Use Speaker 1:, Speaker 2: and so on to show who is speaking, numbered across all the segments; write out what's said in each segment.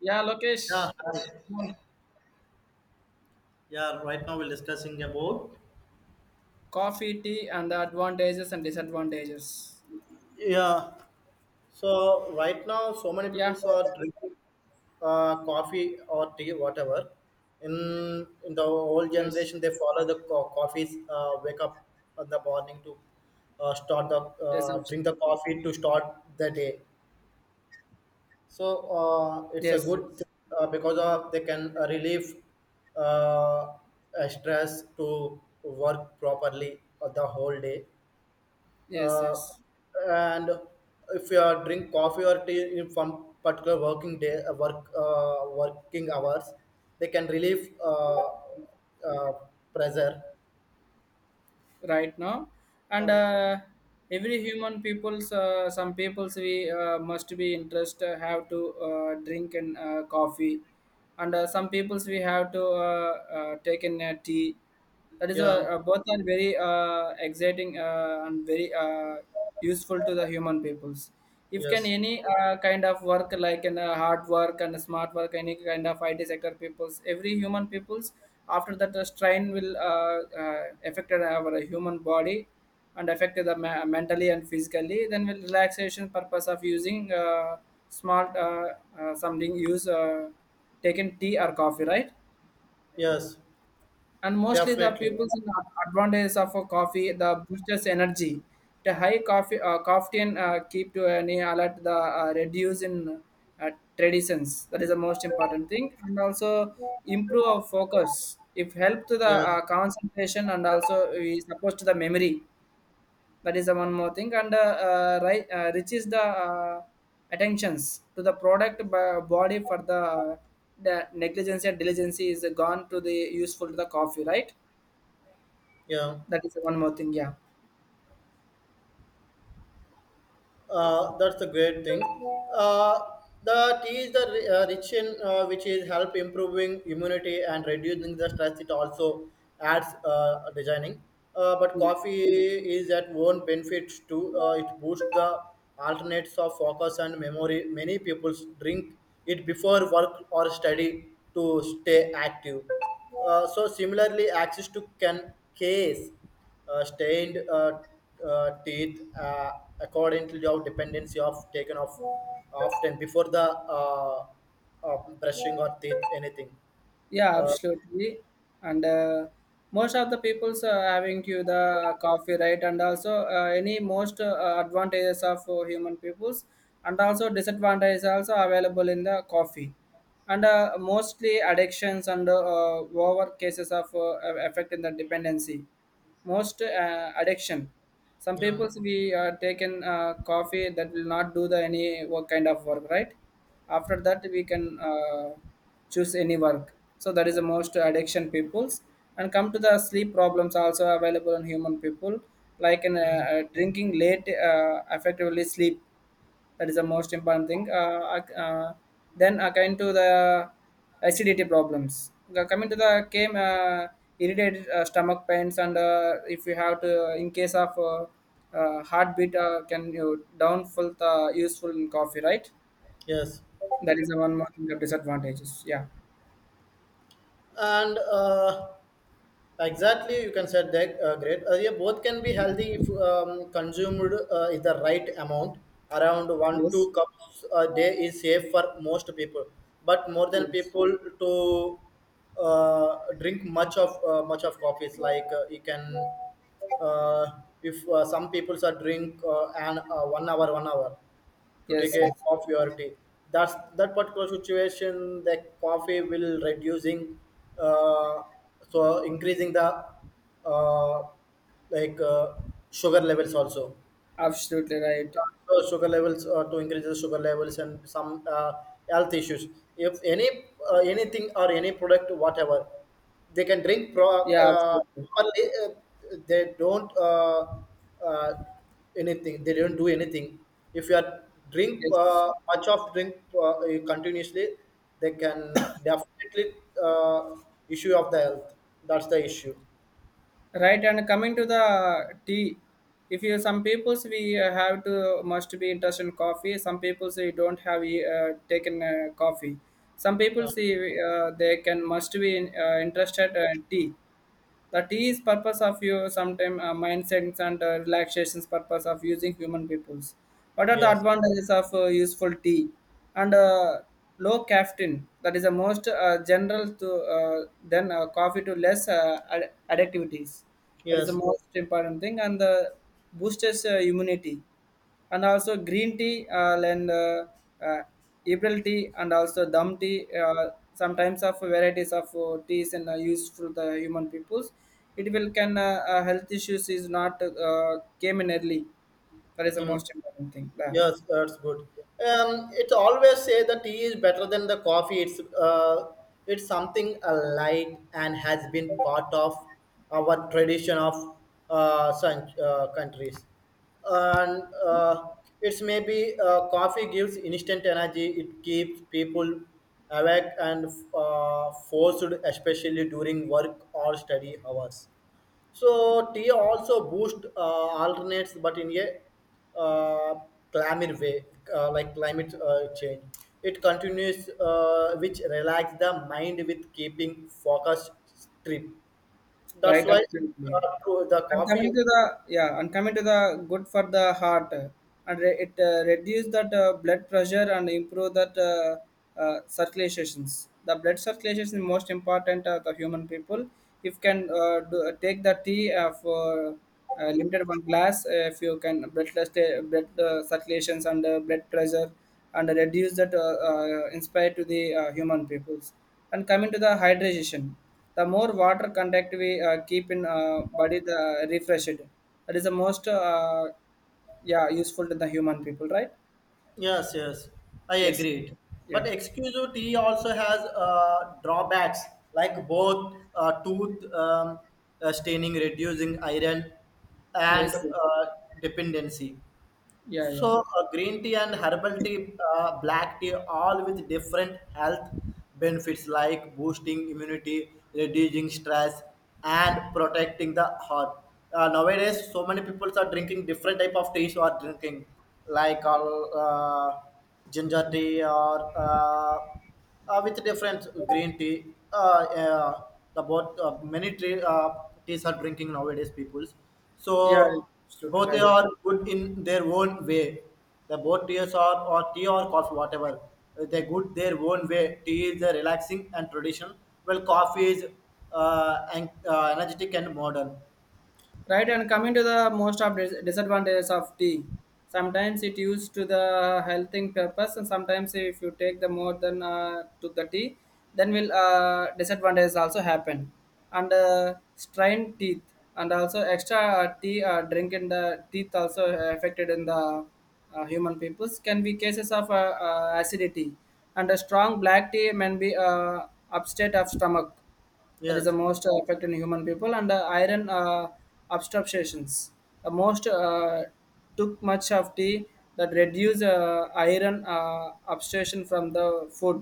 Speaker 1: Yeah,
Speaker 2: Yeah,
Speaker 1: Lokesh.
Speaker 2: hi.
Speaker 1: Mm.
Speaker 2: Yeah, right now we're discussing about.
Speaker 1: Coffee, tea, and the advantages and disadvantages.
Speaker 2: Yeah. So right now, so many people
Speaker 1: Yeah,
Speaker 2: are drinking coffee or tea, whatever. In the old
Speaker 1: yes,
Speaker 2: generation, they follow the coffees. Wake up in the morning to start the
Speaker 1: yes,
Speaker 2: drink the
Speaker 1: absolutely.
Speaker 2: coffee to start the day. So it's a
Speaker 1: Yes,
Speaker 2: good
Speaker 1: yes,
Speaker 2: thing, because of they can relieve uh, stress to work properly the whole day,
Speaker 1: yes,
Speaker 2: uh,
Speaker 1: yes.
Speaker 2: and if you are drink coffee or tea in from particular working day working hours they can relieve uh, pressure.
Speaker 1: Right now, and every human people's some people's we must be interest have to drink and coffee, and some people's we have to take in tea. That is
Speaker 2: Yeah.
Speaker 1: both are very exciting and very useful to the human peoples if can
Speaker 2: Yes.
Speaker 1: any kind of work like an hard work and smart work any kind of it sector peoples every human peoples after that the strain will affected our human body and affected the mentally and physically then with relaxation purpose of using smart something use taken tea or coffee, right?
Speaker 2: Yes.
Speaker 1: And mostly the
Speaker 2: Definitely.
Speaker 1: people's advantages of a coffee the boosters energy the high coffee caffeine keep to any alert the reduce in uh, traditions, that is the most important thing, and also improve our focus if help to the
Speaker 2: Yes.
Speaker 1: concentration and also we supposed to the memory. That is the one more thing, and reaches the attentions to the product by body for the negligence and diligence is gone to the useful to the coffee, right?
Speaker 2: Yeah.
Speaker 1: That is one more thing. Yeah.
Speaker 2: That's a great thing. Uh, the tea is the rich in, which is help improving immunity and reducing the stress. It also adds designing. But coffee is at own benefits too. It boosts the alternates of focus and memory. Many people drink it before work or study to stay active. So similarly, access to can case stained teeth according to your dependency of taken off often before the uh, brushing or teeth anything.
Speaker 1: Yeah,
Speaker 2: uh,
Speaker 1: absolutely. And most of the people's having to the coffee, right? And also any most advantages of human peoples, and also disadvantages also available in the coffee, and mostly addictions and over cases of effect in the dependency. Most addiction. Some
Speaker 2: yeah.
Speaker 1: people's we taken coffee that will not do the any work kind of work, right? After that we can. Choose any work, so that is the most addiction peoples and come to the sleep problems also available in human people like in
Speaker 2: Mm.
Speaker 1: drinking late effectively sleep. That is the most important thing. Then according to the acidity problems. Coming to the came, irritated stomach pains, and if you have to in case of heartbeat can you downfall the useful in coffee, right?
Speaker 2: Yes.
Speaker 1: That is the one more thing, the disadvantages. Yeah.
Speaker 2: and Exactly, you can set that great. Yeah, both can be
Speaker 1: Yeah.
Speaker 2: healthy if consumed, is the right amount. Around one
Speaker 1: Yes,
Speaker 2: two cups a day is safe for most people, but more than
Speaker 1: yes,
Speaker 2: people to drink much of coffees. Like you can, uh, if some people are drink and one hour to take
Speaker 1: yes,
Speaker 2: a
Speaker 1: yes.
Speaker 2: coffee or tea. That's that particular situation. The coffee will reducing, uh, so increasing the uh, like uh, sugar levels also
Speaker 1: Absolutely right.
Speaker 2: sugar levels to increase the sugar levels and some health issues if any anything or any product whatever they can drink
Speaker 1: Yeah, absolutely.
Speaker 2: properly, they don't uh, anything they don't do anything if you are drink
Speaker 1: Yes,
Speaker 2: much of drink, uh, continuously they can definitely uh, issue of the health. That's the issue.
Speaker 1: right. And coming to the tea, if you some peoples we have to must be interested in coffee. Some people say don't have e, taken coffee. Some people
Speaker 2: uh,
Speaker 1: see they can must be in, interested in tea. The tea is purpose of your sometime mindsets and relaxations purpose of using human peoples, what are the
Speaker 2: yes.
Speaker 1: advantages of useful tea, and low caffeine. That is the most general to uh, then coffee to less addictivities. That is the
Speaker 2: Yes.
Speaker 1: most important thing, and the boosters immunity, and also green tea and uh, April tea and also dum tea. Sometimes of varieties of teas and used for the human peoples. It will can health issues is not came in early. That is the
Speaker 2: Mm.
Speaker 1: most important thing. Yeah.
Speaker 2: Yes, that's good. It always say the tea is better than the coffee. It's something light and has been part of our tradition of some countries. And it's maybe coffee gives instant energy. It keeps people awake and forced, especially during work or study hours. So tea also boost alternates, but in a climate way, like climate change. It continues, which relax the mind with keeping focused trip. That's
Speaker 1: Right,
Speaker 2: why
Speaker 1: absolutely.
Speaker 2: to the
Speaker 1: And
Speaker 2: coffee.
Speaker 1: coming to the yeah, and coming to the good for the heart, and it reduce that blood pressure and improve that circulations. The blood circulation is most important the human people. If can do, take the tea for limited one glass, if you can blood circulations and blood pressure and reduce that inspire to the human peoples. And coming to the hydration, the more water contact we keep in body, the refresh it. That is the most, yeah, useful to the human people, right?
Speaker 2: Yes, yes, I
Speaker 1: Yes.
Speaker 2: agreed. But
Speaker 1: Yeah.
Speaker 2: exclusive tea also has drawbacks like both tooth, staining, reducing iron, and
Speaker 1: Yes.
Speaker 2: dependency.
Speaker 1: Yeah. Yeah.
Speaker 2: So, green tea and herbal tea, black tea, all with different health benefits like boosting immunity, reducing stress, and protecting the heart. Nowadays, so many people are drinking different type of teas. Are drinking like all ginger tea or with different green tea. The both many tea, teas are drinking nowadays, peoples.
Speaker 1: Yeah.
Speaker 2: So
Speaker 1: Absolutely
Speaker 2: both they
Speaker 1: right.
Speaker 2: are good in their own way. The both teas are or tea or coffee, whatever. They good their own way. Tea is relaxing and tradition, while coffee is energetic and modern.
Speaker 1: Right, and coming to the most of disadvantages of tea, sometimes it used to the healthing purpose, and sometimes if you take the more than to the tea, then will disadvantages also happen, and strained teeth, and also extra tea drink in the teeth also affected in the human peoples, can be cases of acidity, and a strong black tea may be upset of stomach. That is the
Speaker 2: Yes.
Speaker 1: most effect in human people, and iron obstructions, the most took much of tea that reduce iron obstruction from the food.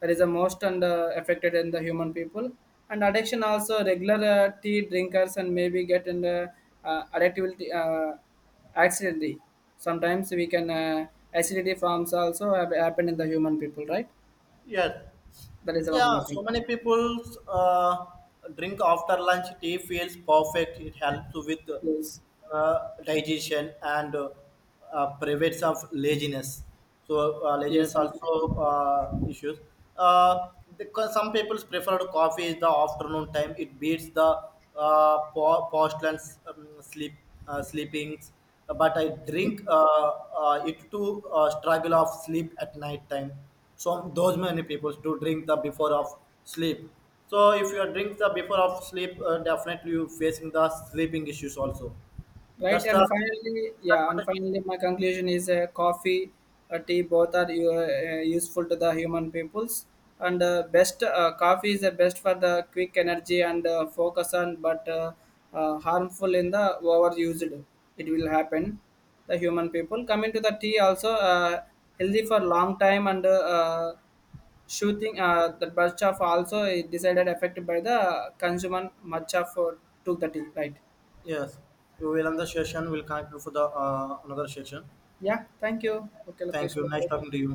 Speaker 1: That is the most, and affected in the human people, and addiction also regular tea drinkers, and maybe get in the addictivity accidentally, sometimes we can acidity forms also have happened in the human people, right?
Speaker 2: Yes.
Speaker 1: That is the
Speaker 2: Yeah,
Speaker 1: one more thing.
Speaker 2: so many people uh, drink after lunch. Tea feels perfect. It helps with
Speaker 1: Yes.
Speaker 2: uh, digestion and prevents of laziness. So laziness
Speaker 1: Yes, actually.
Speaker 2: also issues. Uh, because some people prefer coffee is the afternoon time. It beats the postland sleep sleepings. But I drink it to struggle of sleep at night time, so those many people do drink the before of sleep. So if you drink the before of sleep, definitely you facing the sleeping issues also.
Speaker 1: Right,
Speaker 2: That's the
Speaker 1: and finally, yeah, and
Speaker 2: disadvantage.
Speaker 1: finally, my conclusion is coffee, tea, both are useful to the human peoples. And best coffee is the best for the quick energy and focus on, but harmful in the overused. It will happen. The human people coming to the tea also healthy for long time, and shooting the batch of also it decided affected by the consumer much of took the tea, right?
Speaker 2: Yes, we will end the session. We'll connect you for the another session.
Speaker 1: Yeah, thank you. Okay,
Speaker 2: Thank
Speaker 1: Lokesh,
Speaker 2: you, nice
Speaker 1: bye.
Speaker 2: talking to you.